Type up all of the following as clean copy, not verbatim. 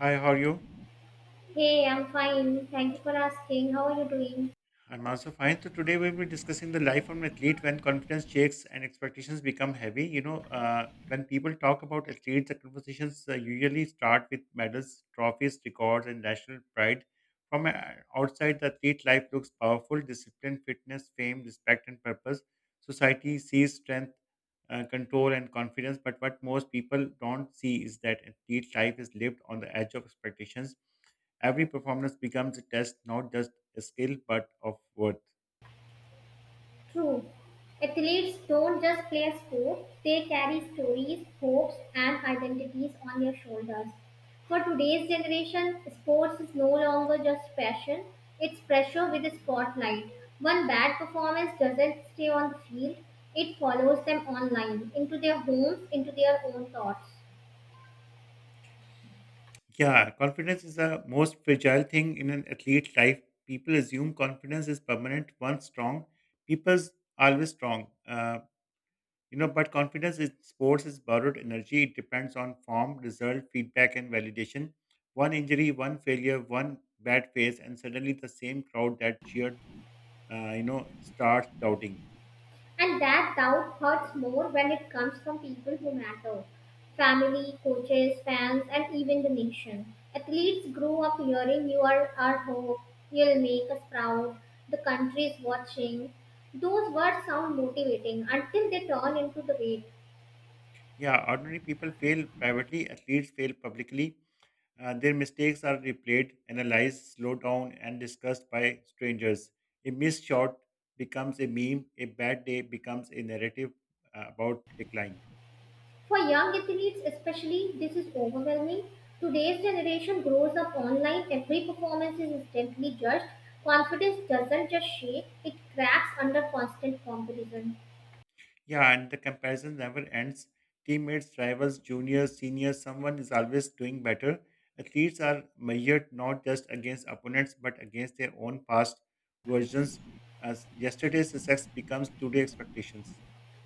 Hi, how are you? Hey, I'm fine. Thank you for asking. How are you doing? I'm also fine. So today we'll be discussing the life of an athlete when confidence shakes and expectations become heavy. When people talk about athletes, the conversations usually start with medals, trophies, records, and national pride. From Outside, the athlete life looks powerful, discipline, fitness, fame, respect, and purpose. Society sees strength, control, and confidence. But what most people don't see is that athlete life is lived on the edge of expectations. Every performance becomes a test, not just a skill, but of worth. True. Athletes don't just play a sport, they carry stories, hopes, and identities on their shoulders. For today's generation, sports is no longer just passion, it's pressure with a spotlight. One bad performance doesn't stay on the field, it follows them online, into their homes, into their own thoughts. Yeah, confidence is the most fragile thing in an athlete's life. People assume confidence is permanent. Once strong, people's always strong. But confidence in sports is borrowed energy. It depends on form, result, feedback, and validation. One injury, one failure, one bad phase, and suddenly the same crowd that cheered, starts doubting. And that doubt hurts more when it comes from people who matter family, coaches, fans, and even the nation. Athletes grow up hearing you are our hope, you'll make us proud, the country is watching. Those words sound motivating until they turn into the weight. Yeah, ordinary people fail privately, athletes fail publicly. Their mistakes are replayed, analyzed, slowed down, and discussed by strangers. A missed shot becomes a meme, a bad day becomes a narrative about decline. For young athletes, especially, this is overwhelming. Today's generation grows up online, every performance is instantly judged. Confidence doesn't just shake, it cracks under constant competition. Yeah, and the comparison never ends. Teammates, rivals, juniors, seniors, someone is always doing better. Athletes are measured not just against opponents but against their own past versions as yesterday's success becomes today's expectations.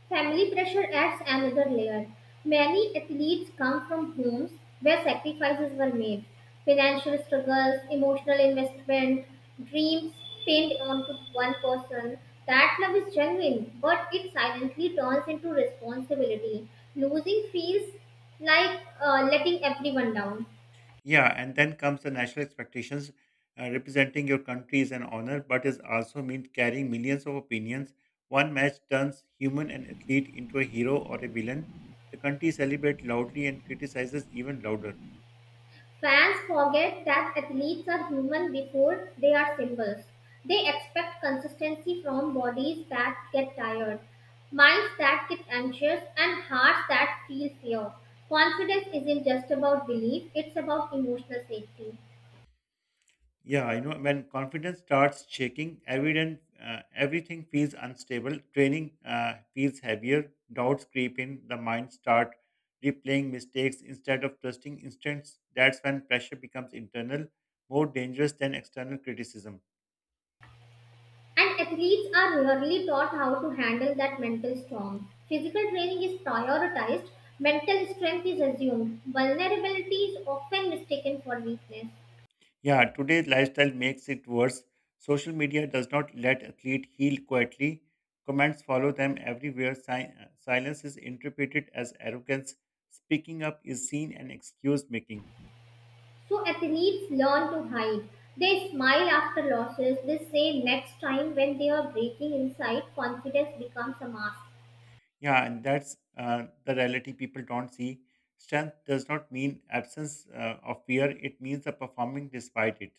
Family pressure adds another layer. Many athletes come from homes where sacrifices were made. Financial struggles, emotional investment, dreams pinned onto one person. That love is genuine, but it silently turns into responsibility. Losing feels like letting everyone down. Yeah, and then comes the national expectations. Representing your country is an honor, but is also mean carrying millions of opinions. One match turns human and athlete into a hero or a villain. The country celebrates loudly and criticizes even louder. Fans forget that athletes are human before they are symbols. They expect consistency from bodies that get tired, minds that get anxious, and hearts that feel fear. Confidence isn't just about belief, it's about emotional safety. Yeah, I know when confidence starts shaking, evident, everything feels unstable, training feels heavier, doubts creep in, the mind start replaying mistakes instead of trusting instincts. That's when pressure becomes internal, more dangerous than external criticism. And athletes are rarely taught how to handle that mental storm. Physical training is prioritized, mental strength is assumed, vulnerability is often mistaken for weakness. Yeah, today's lifestyle makes it worse. Social media does not let athlete heal quietly. Comments follow them everywhere. Silence is interpreted as arrogance. Speaking up is seen and excuse making. So athletes learn to hide. They smile after losses. They say next time when they are breaking inside, confidence becomes a mask. Yeah, and that's the reality people don't see. Strength does not mean absence of fear, it means the performing despite it.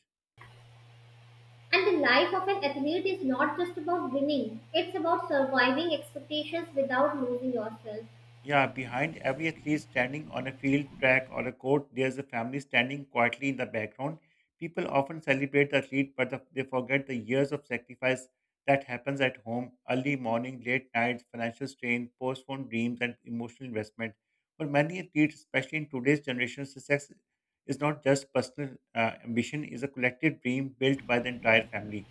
And the life of an athlete is not just about winning, it's about surviving expectations without losing yourself. Yeah, behind every athlete standing on a field, track, or a court, there's a family standing quietly in the background. People often celebrate the athlete, but they forget the years of sacrifice that happens at home early morning, late nights, financial strain, postponed dreams, and emotional investment. For many athletes, especially in today's generation, success is not just personal ambition, is a collective dream built by the entire family.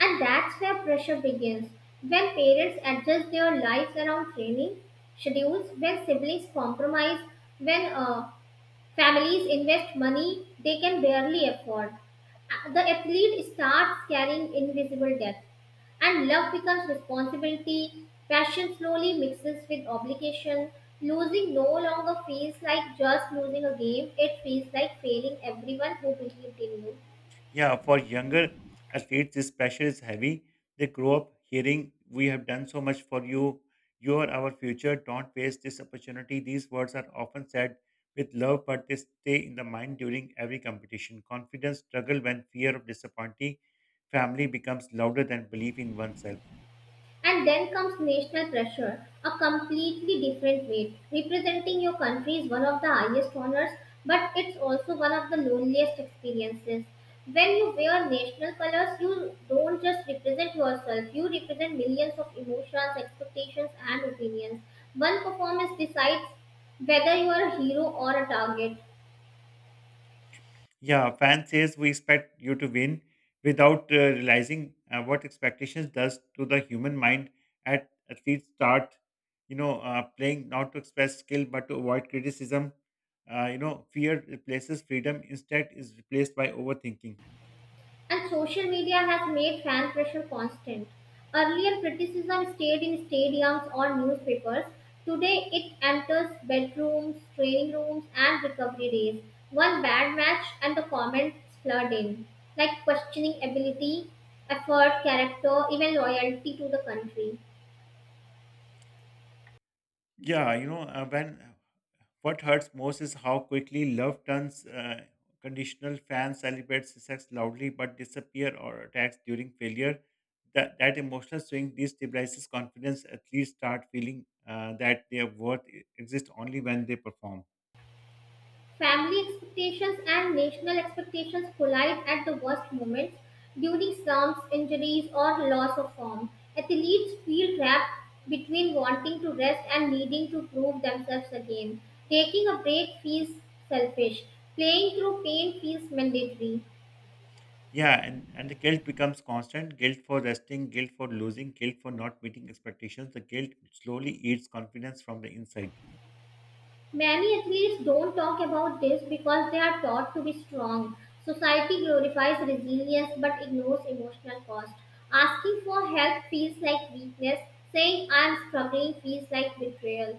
And that's where pressure begins. When parents adjust their lives around training schedules, when siblings compromise, when Families invest money they can barely afford. The athlete starts carrying invisible debt, and love becomes responsibility. Passion slowly mixes with obligation. Losing no longer feels like just losing a game, it feels like failing everyone who believed in you. Yeah, for younger athletes, this pressure is heavy. They grow up hearing, we have done so much for you. You are our future. Don't waste this opportunity. These words are often said with love, but they stay in the mind during every competition. Confidence struggle when fear of disappointing family becomes louder than belief in oneself. And then comes national pressure, a completely different weight. Representing your country is one of the highest honors, but it's also one of the loneliest experiences. When you wear national colors, you don't just represent yourself, you represent millions of emotions, expectations, and opinions. One performance decides whether you are a hero or a target. Yeah, fan says we expect you to win without realizing what expectations does to the human mind at athletes start, playing not to express skill but to avoid criticism. Fear replaces freedom, instead is replaced by overthinking. And social media has made fan pressure constant. Earlier, criticism stayed in stadiums or newspapers. Today, it enters bedrooms, training rooms, and recovery days. One bad match, and the comments flood in, like questioning ability, effort, character, even loyalty to the country. Yeah, you know, when what hurts most is how quickly love turns conditional. Fans celebrate success loudly but disappear or attacks during failure. That emotional swing destabilizes confidence. Athletes start feeling that their worth exists only when they perform. Family expectations and national expectations collide at the worst moments during slumps, injuries, or loss of form. Athletes feel trapped between wanting to rest and needing to prove themselves again. Taking a break feels selfish. Playing through pain feels mandatory. Yeah, and the guilt becomes constant guilt for resting, guilt for losing, guilt for not meeting expectations. The guilt slowly eats confidence from the inside. Many athletes don't talk about this because they are taught to be strong. Society glorifies resilience but ignores emotional cost. Asking for help feels like weakness, saying I'm struggling feels like betrayal.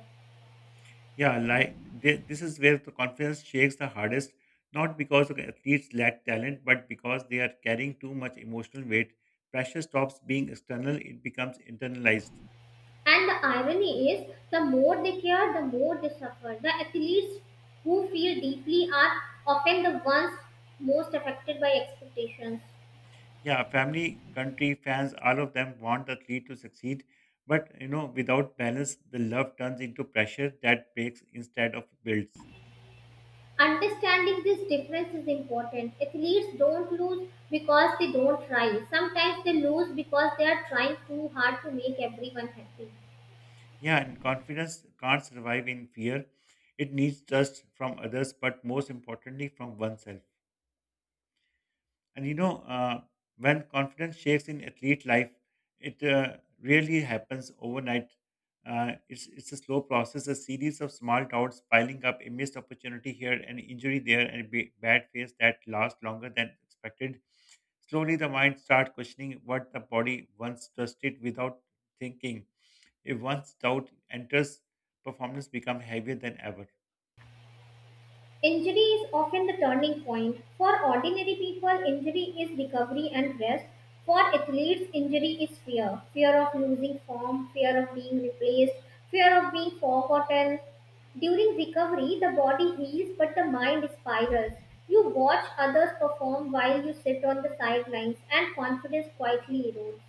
Yeah, like they, this is where the confidence shakes the hardest, not because the athletes lack talent, but because they are carrying too much emotional weight. Pressure stops being external, it becomes internalized. And the irony is, the more they care, the more they suffer. The athletes who feel deeply are often the ones most affected by expectations. Yeah, family, country, fans, all of them want the athlete to succeed. But without balance, the love turns into pressure that breaks instead of builds. Understanding this difference is important. Athletes don't lose because they don't try. Sometimes they lose because they are trying too hard to make everyone happy. Yeah, and confidence can't survive in fear. It needs trust from others, but most importantly from oneself. And when confidence shakes in athlete life, it really happens overnight. It's a slow process, a series of small doubts piling up, a missed opportunity here, an injury there, and a bad phase that lasts longer than expected. Slowly, the mind starts questioning what the body once trusted without thinking. If once doubt enters, performance becomes heavier than ever. Injury is often the turning point. For ordinary people, injury is recovery and rest. For athletes, injury is fear fear of losing form, fear of being replaced, fear of being forgotten. During recovery, the body heals but the mind spirals. You watch others perform while you sit on the sidelines, and confidence quietly erodes.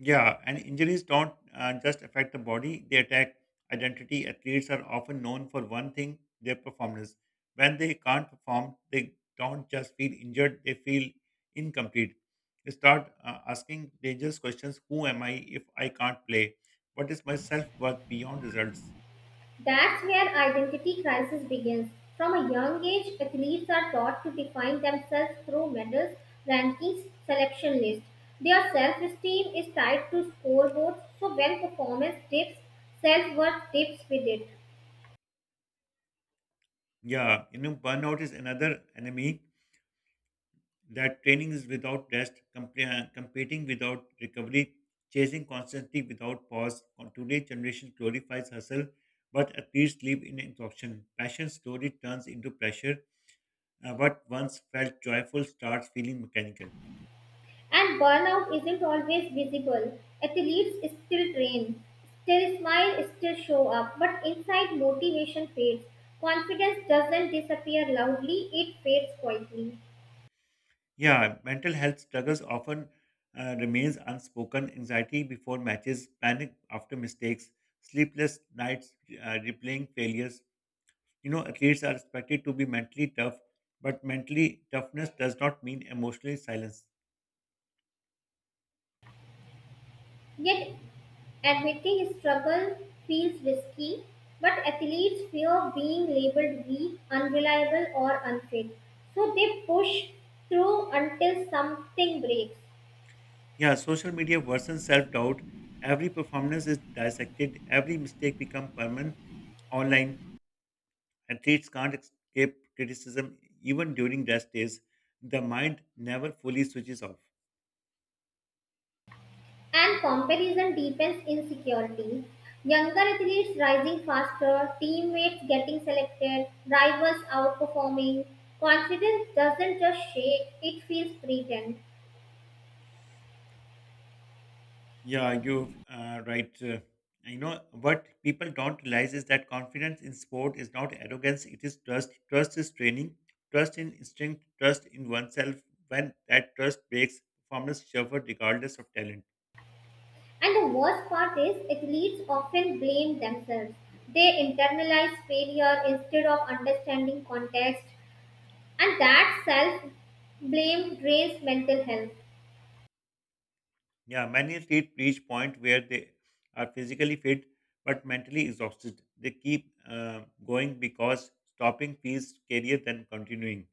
Yeah, and injuries don't just affect the body, they attack identity. Athletes are often known for one thing their performance. When they can't perform, they don't just feel injured, they feel incomplete. They start asking dangerous questions. Who am I if I can't play? What is my self worth beyond results? That's where identity crisis begins. From a young age, athletes are taught to define themselves through medals, rankings, selection lists. Their self esteem is tied to scoreboards, so when performance dips, self worth dips with it. Yeah, burnout is another enemy that training is without rest, competing without recovery, chasing constantly without pause. On today's generation glorifies hustle, but athletes live in exhaustion. Passion slowly turns into pressure. What once felt joyful starts feeling mechanical. And burnout isn't always visible. Athletes still train, still smile, still show up, but inside motivation fades. Confidence doesn't disappear loudly, it fades quietly. Yeah, mental health struggles often remains unspoken. Anxiety before matches, panic after mistakes, sleepless nights, replaying failures. Athletes are expected to be mentally tough, but mentally toughness does not mean emotionally silence. Yet admitting struggle feels risky, but athletes fear being labeled weak, unreliable, or unfit. So they push through until something breaks. Yeah, social media worsens self-doubt. Every performance is dissected. Every mistake becomes permanent. Online athletes can't escape criticism even during rest days. The mind never fully switches off. And comparison deepens insecurity. Younger athletes rising faster, teammates getting selected, rivals outperforming. Confidence doesn't just shake, it feels threatened. Yeah, you right. You know what people don't realize is that confidence in sport is not arrogance; it is trust. Trust is training, trust in instinct, trust in oneself. When that trust breaks, performance suffer regardless of talent. And the worst part is, athletes often blame themselves. They internalize failure instead of understanding context, and that self blame drains mental health. Yeah, many athletes reach point where they are physically fit but mentally exhausted. They keep going because stopping feels scarier than continuing.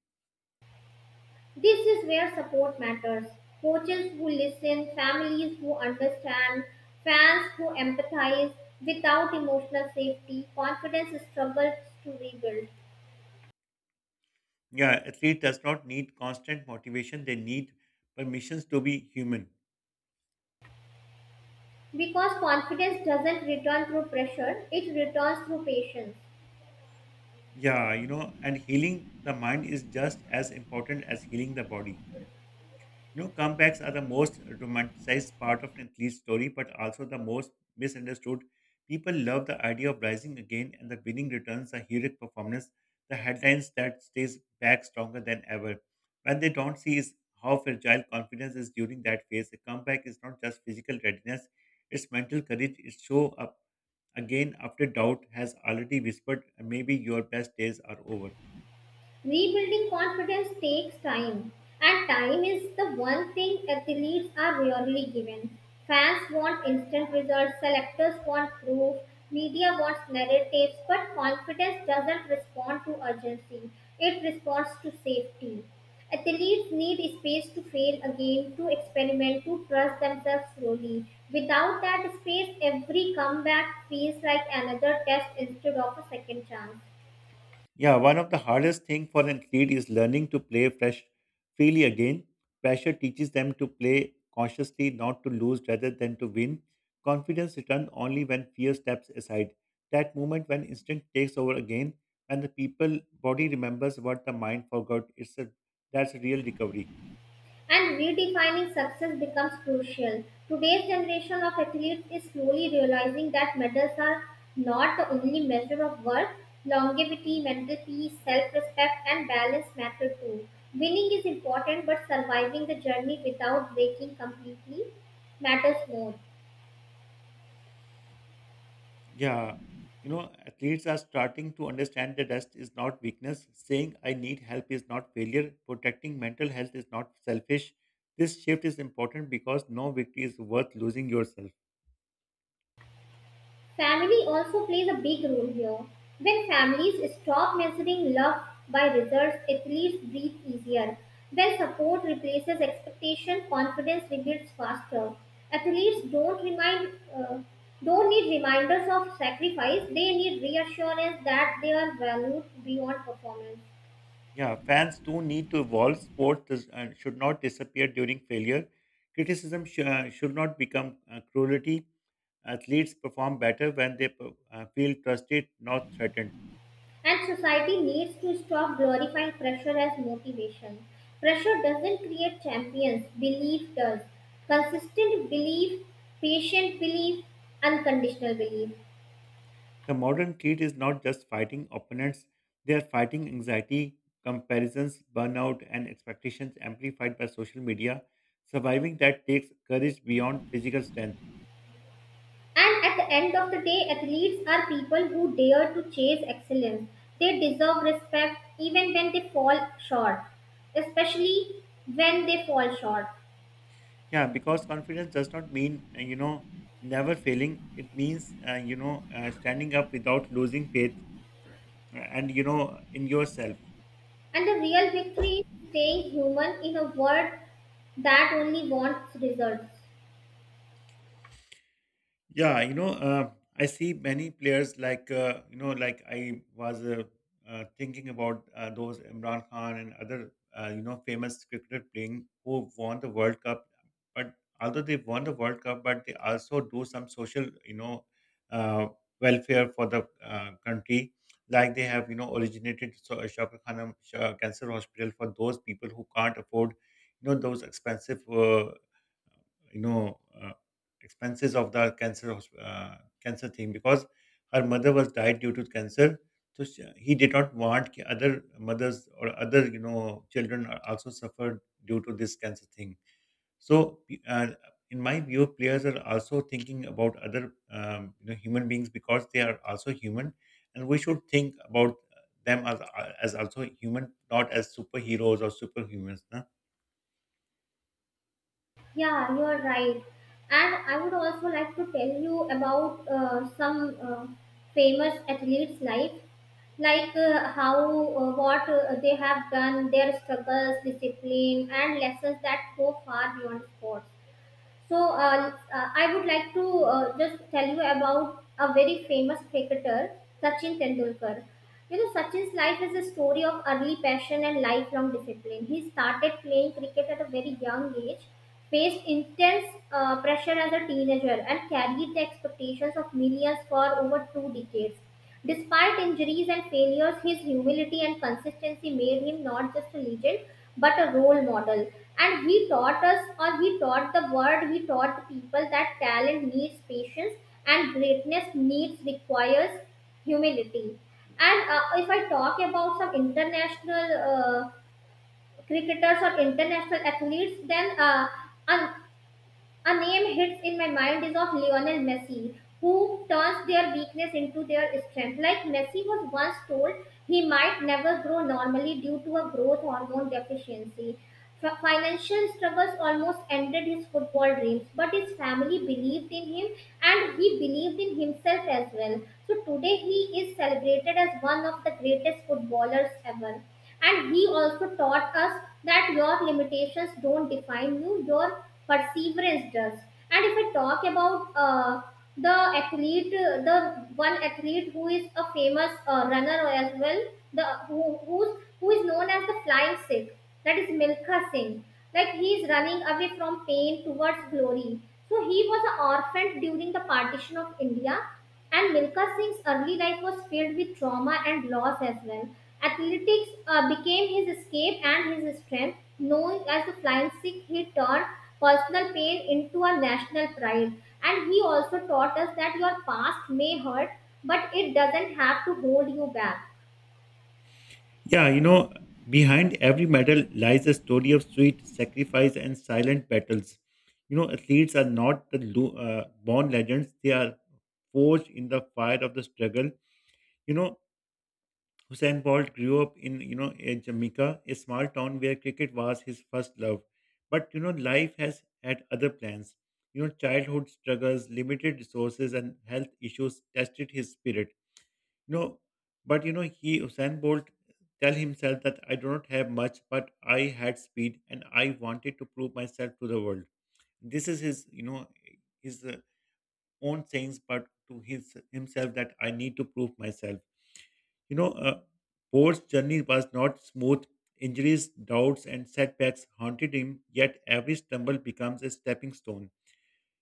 This is where support matters. Coaches who listen, families who understand, fans who empathize. Without emotional safety, confidence struggles to rebuild. Yeah, athlete does not need constant motivation; they need permissions to be human. Because confidence doesn't return through pressure, it returns through patience. Yeah, and healing the mind is just as important as healing the body. Comebacks are the most romanticized part of an athlete's story, but also the most misunderstood. People love the idea of rising again and the winning returns, the heroic performance, the headlines that stays back stronger than ever. What they don't see is how fragile confidence is during that phase. A comeback is not just physical readiness, it's mental courage. It show up again after doubt has already whispered, maybe your best days are over. Rebuilding confidence takes time, and time is the one thing athletes are rarely given. Fans want instant results, selectors want proof, media wants narratives, but confidence doesn't respond to urgency, it responds to safety. Athletes need space to fail again, to experiment, to trust themselves slowly. Without that space, every comeback feels like another test instead of a second chance. Yeah, one of the hardest thing for an athlete is learning to play fresh freely again. Pressure teaches them to play consciously, not to lose rather than to win. Confidence returns only when fear steps aside. That moment when instinct takes over again, when the people body remembers what the mind forgot, it's a that's a real recovery. And redefining success becomes crucial. Today's generation of athletes is slowly realizing that medals are not the only measure of worth. Longevity, mental peace, self respect, and balance matter too. Winning is important, but surviving the journey without breaking completely matters more. Yeah, athletes are starting to understand that rest is not weakness. Saying I need help is not failure. Protecting mental health is not selfish. This shift is important because no victory is worth losing yourself. Family also plays a big role here. When families stop measuring love by results, athletes breathe easier. When support replaces expectation, confidence rebuilds faster. Athletes don't remind Don't need reminders of sacrifice. They need reassurance that they are valued beyond performance. Yeah, fans too need to evolve. Sports should not disappear during failure. Criticism should not become cruelty. Athletes perform better when they feel trusted, not threatened. And society needs to stop glorifying pressure as motivation. Pressure doesn't create champions, belief does. Consistent belief, patient belief, unconditional belief. The modern kid is not just fighting opponents, they are fighting anxiety, comparisons, burnout, and expectations amplified by social media. Surviving that takes courage beyond physical strength. And at the end of the day, athletes are people who dare to chase excellence. They deserve respect even when they fall short, especially when they fall short. Yeah, because confidence does not mean never failing. It means standing up without losing faith in yourself. And the real victory is staying human in a world that only wants results. Yeah, I see many players like you know, like I was thinking about those Imran Khan and other famous cricketer playing who won the World Cup. But although they won the World Cup, but they also do some social uh, welfare for the country. Like they have originated so Shafqat Khanam Shah Cancer Hospital for those people who can't afford those expensive you know uh, expenses of the cancer thing because her mother was died due to cancer. So she, he did not want ki other mothers or other children are also suffered due to this cancer thing. So uh, in my view, players are also thinking about other human beings because they are also human, and we should think about them as also human, not as superheroes or superhumans. Na? Yeah, you are right. And I would also like to tell you about some famous athletes' life, like how what they have done, their struggles, discipline, and lessons that go far beyond sports. So I would like to just tell you about a very famous cricketer, Sachin Tendulkar. You know, Sachin's life is a story of early passion and lifelong discipline. He started playing cricket at a very young age, faced intense pressure as a teenager, and carried the expectations of millions for over two decades. Despite injuries and failures, his humility and consistency made him not just a legend but a role model, and he taught us, or he taught the world, he taught the people that talent needs patience and greatness needs requires humility. And if I talk about some international cricketers or international athletes, then an a name hits in my mind is of Lionel Messi, who turns their weakness into their strength. Like Messi was once told he might never grow normally due to a growth hormone deficiency. Financial struggles almost ended his football dreams, but his family believed in him and he believed in himself as well. So today he is celebrated as one of the greatest footballers ever. And he also taught us that your limitations don't define you, your perseverance does. And if I talk about the athlete, the one athlete who is a famous runner as well, the who, who's, who is known as the flying Sikh, that is Milkha Singh. Like he is running away from pain towards glory. So he was an orphan during the partition of India, and Milka Singh's early life was filled with trauma and loss as well. Athletics became his escape and his strength. Known as the Flying Sikh, he turned personal pain into a national pride. And he also taught us that your past may hurt, but it doesn't have to hold you back. Yeah, behind every medal lies a story of sweet sacrifice and silent battles. Athletes are not born legends, they are forged in the fire of the struggle. You know, Hussein Bolt grew up in a Jamaica, a small town where cricket was his first love. But life has had other plans. Childhood struggles, limited resources, and health issues tested his spirit, no, but he Usain Bolt tell himself that I do not have much, but I had speed and I wanted to prove myself to the world. This is his, his own sayings, but to his himself that I need to prove myself. You know, uh, Bolt's journey was not smooth. Injuries, doubts, and setbacks haunted him. Yet every stumble becomes a stepping stone.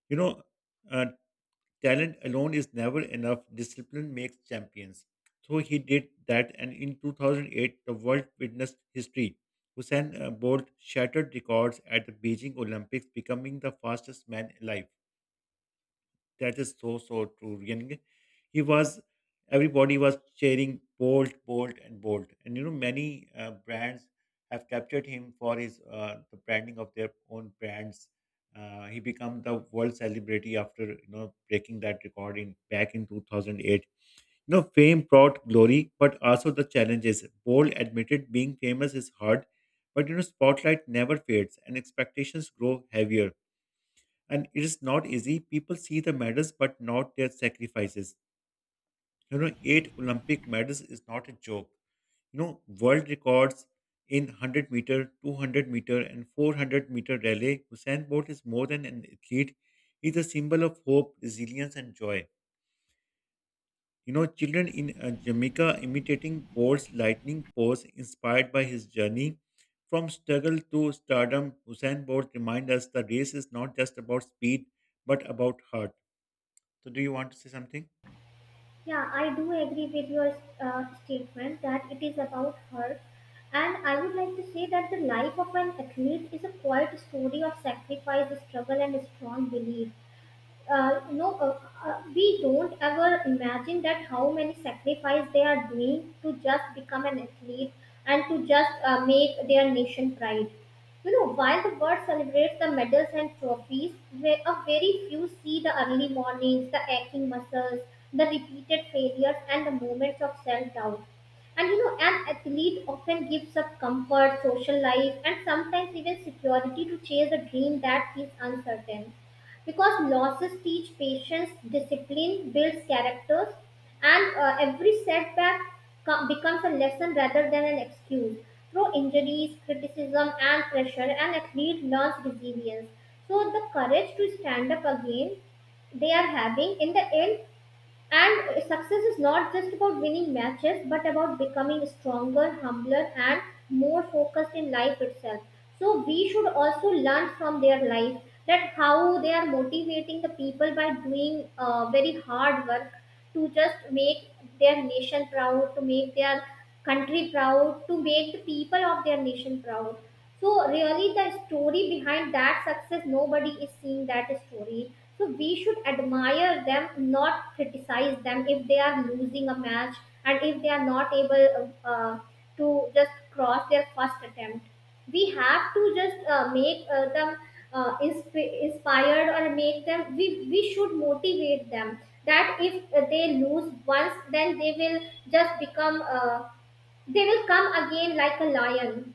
You know, uh, Talent alone is never enough. Discipline makes champions. So he did that, and in 2008, the world witnessed history. Usain Bolt shattered records at the Beijing Olympics, becoming the fastest man alive. That is so true. And he was everybody was cheering Bolt, Bolt, and Bolt. And you know many brands have captured him for his the branding of their own brands. He became the world celebrity after breaking that record in back in 2008. Fame brought glory, but also the challenges. Bolt admitted being famous is hard, but spotlight never fades and expectations grow heavier, and it is not easy. People see the medals but not their sacrifices. 8 Olympic medals is not a joke. World records in 100 meter, 200 meter, and 400-meter relay. Usain Bolt is more than an athlete. He's a symbol of hope, resilience, and joy. Children in Jamaica imitating Bolt's lightning pose inspired by his journey from struggle to stardom. Usain Bolt reminds us the race is not just about speed but about heart. So, do you want to say something? Yeah, I do agree with your statement that it is about her. And I would like to say that the life of an athlete is a quiet story of sacrifice, struggle, and strong belief. uh, you know, uh, we don't ever imagine that how many sacrifice they are doing to just become an athlete and to just make their nation pride. You know, while the world celebrates the medals and trophies, where a very few see the early mornings, the aching muscles, the repeated failures, and the moments of self-doubt. And you know, an athlete often gives up comfort, social life, and sometimes even security to chase a dream that is uncertain, because losses teach patience, discipline, builds characters, and every setback becomes a lesson rather than an excuse. Through injuries, criticism, and pressure, an athlete learns resilience. So, the courage to stand up again they are having in the end, and success is not just about winning matches, but about becoming stronger, humbler, and more focused in life itself. So we should also learn from their life, that how they are motivating the people by doing very hard work to just make their nation proud, to make their country proud, to make the people of their nation proud. So really, the story behind that success, nobody is seeing that story, so we should admire them, not criticize them if they are losing a match, and if they are not able to just cross their first attempt. We have to just make them inspired, or make them. We should motivate them that if they lose once, then they will just become. They will come again like a lion.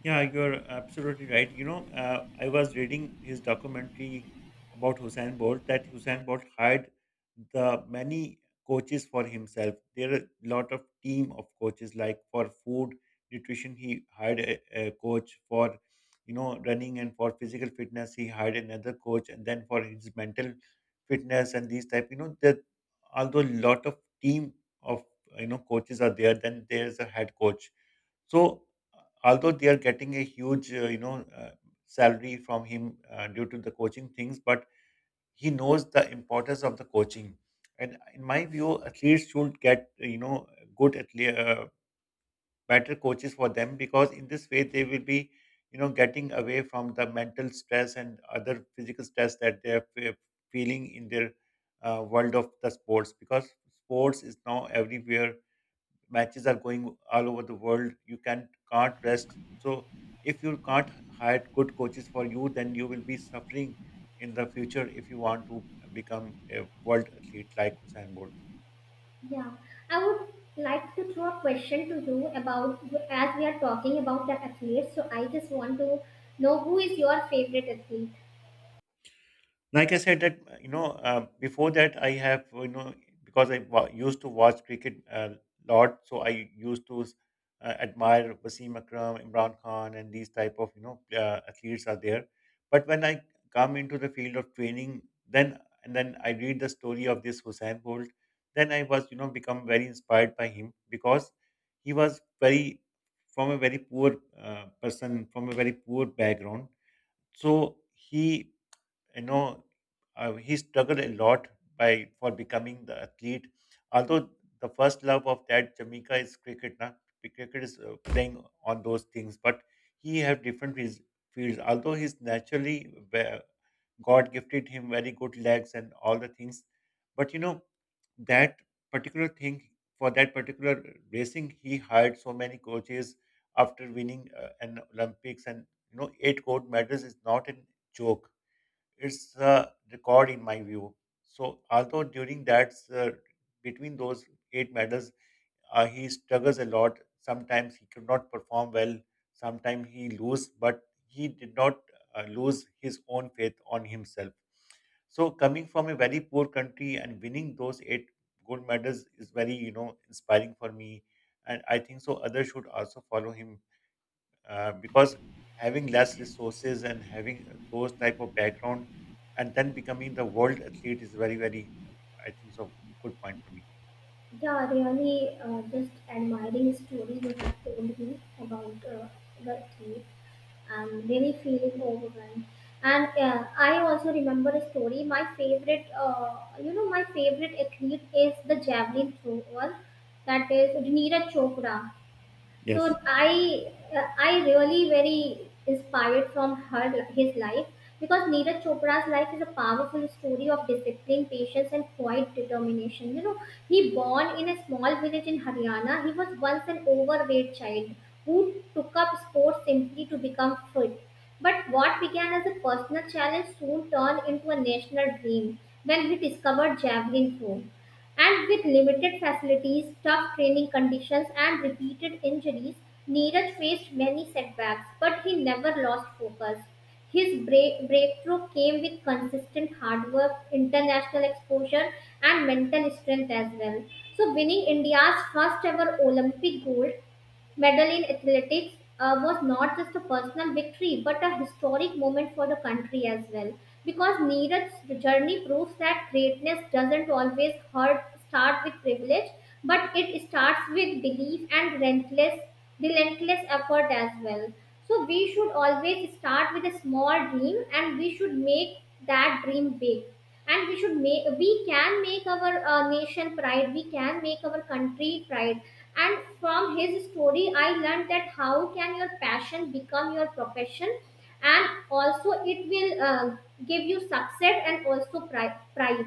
Yeah, you're absolutely right. I was reading his documentary about Hussein Bolt, that Hussein Bolt hired the many coaches for himself. There are a lot of team of coaches, like for food, nutrition, he hired a coach for, running, and for physical fitness, he hired another coach, and then for his mental fitness and these type, that although a lot of team of coaches are there, then there's a head coach. So, although they are getting a huge, salary from him due to the coaching things, but he knows the importance of the coaching. And in my view, athletes should get, good athlete, better coaches for them because in this way they will be, getting away from the mental stress and other physical stress that they are feeling in their world of the sports. Because sports is now everywhere, matches are going all over the world. You can't rest. So if you can't hire good coaches for you, then you will be suffering in the future if you want to become a world athlete like Usain Bolt. Yeah, I would like to throw a question to you about, as we are talking about the athletes. So I just want to know who is your favorite athlete. Like I said that before that I have because I used to watch cricket a lot, so I used to admire Wasim Akram, Imran Khan, and these type of athletes are there. But when I come into the field of training, then and then I read the story of this Hussein Bolt, then I was become very inspired by him because he was very, from a very poor person, from a very poor background, so he, you know, he struggled a lot by for becoming the athlete. Although the first love of that Jamaica is cricket, na? Cricket is playing on those things, but he have different fields. Although he's naturally God gifted him very good legs and all the things, but you know that particular thing for that particular racing, he hired so many coaches after winning an Olympics, and you know 8 gold medals is not a joke, it's a record in my view. So although during that between those 8 medals, he struggles a lot. Sometimes he could not perform well. Sometimes he lose, but he did not lose his own faith on himself. So coming from a very poor country and winning those 8 gold medals is very you know inspiring for me, and I think so. Others should also follow him because having less resources and having those type of background and then becoming the world athlete is very very, I think so, good point for me. Yeah, really, just admiring story you have told me about the athlete. I'm really feeling overwhelmed. And I also remember a story. My favorite, my favorite athlete is the javelin thrower, that is Neeraj Chopra. So Yes. I, I really very inspired from her, his life, because Neeraj Chopra's life is a powerful story of discipline, patience, and quiet determination. You know, he born in a small village in Haryana. He was once an overweight child who took up sports simply to become fit, but what began as a personal challenge soon turned into a national dream when he discovered javelin throw. And with limited facilities, tough training conditions, and repeated injuries, Neeraj faced many setbacks, but he never lost focus. His breakthrough came with consistent hard work, international exposure, and mental strength as well. So, winning India's first ever Olympic gold medal in athletics was not just a personal victory but a historic moment for the country as well, because Neeraj's journey proves that greatness doesn't always hurt, start with privilege, but it starts with belief and relentless effort as well. So we should always start with a small dream, and we should make that dream big, and we can make our nation pride, we can make our country pride. And from his story I learned that how can your passion become your profession, and also it will give you success and also pride.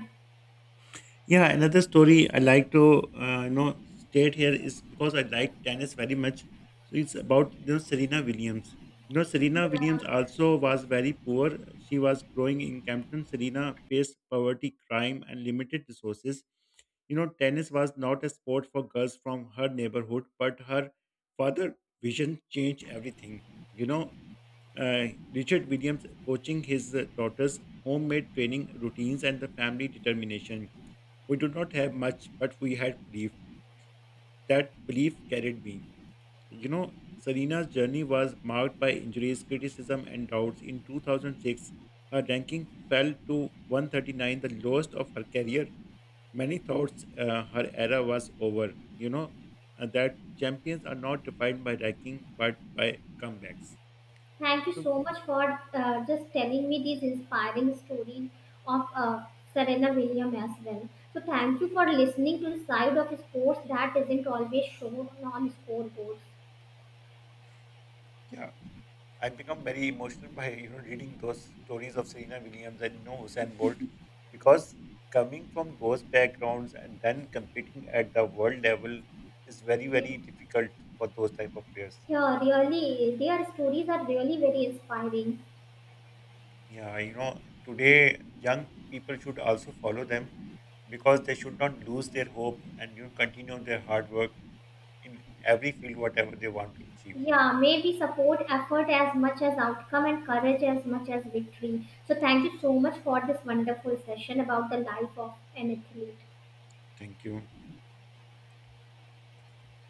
Yeah, another story I like to state here is because I like tennis very much. So it's about you know Serena Williams. You know Serena Williams Yeah. also was very poor. She was growing in Campton. Serena faced poverty, crime, and limited resources. You know tennis was not a sport for girls from her neighborhood, but her father' vision changed everything. You know uh, Richard Williams coaching his daughters, homemade training routines, and the family determination, we did not have much, but we had belief. That belief carried me. You know, Serena's journey was marked by injuries, criticism, and doubts. In 2006, her ranking fell to 139, the lowest of her career. Many thought her era was over. That champions are not defined by ranking, but by comebacks. Thank you So, so much for just telling me these inspiring stories of Serena Williams as well. So thank you for listening to the side of sports that isn't always shown on scoreboards. yeah, I become very emotional by you know reading those stories of Serena Williams and you know Usain Bolt because coming from those backgrounds and then competing at the world level is very Yes. very difficult for those type of players. Yeah, really, their stories are really very inspiring. Yeah, you know today young people should also follow them because they should not lose their hope and you know, continue their hard work in every field whatever they want to achieve. Yeah, maybe support effort as much as outcome and courage as much as victory. So, thank you so much for this wonderful session about the life of an athlete. Thank you.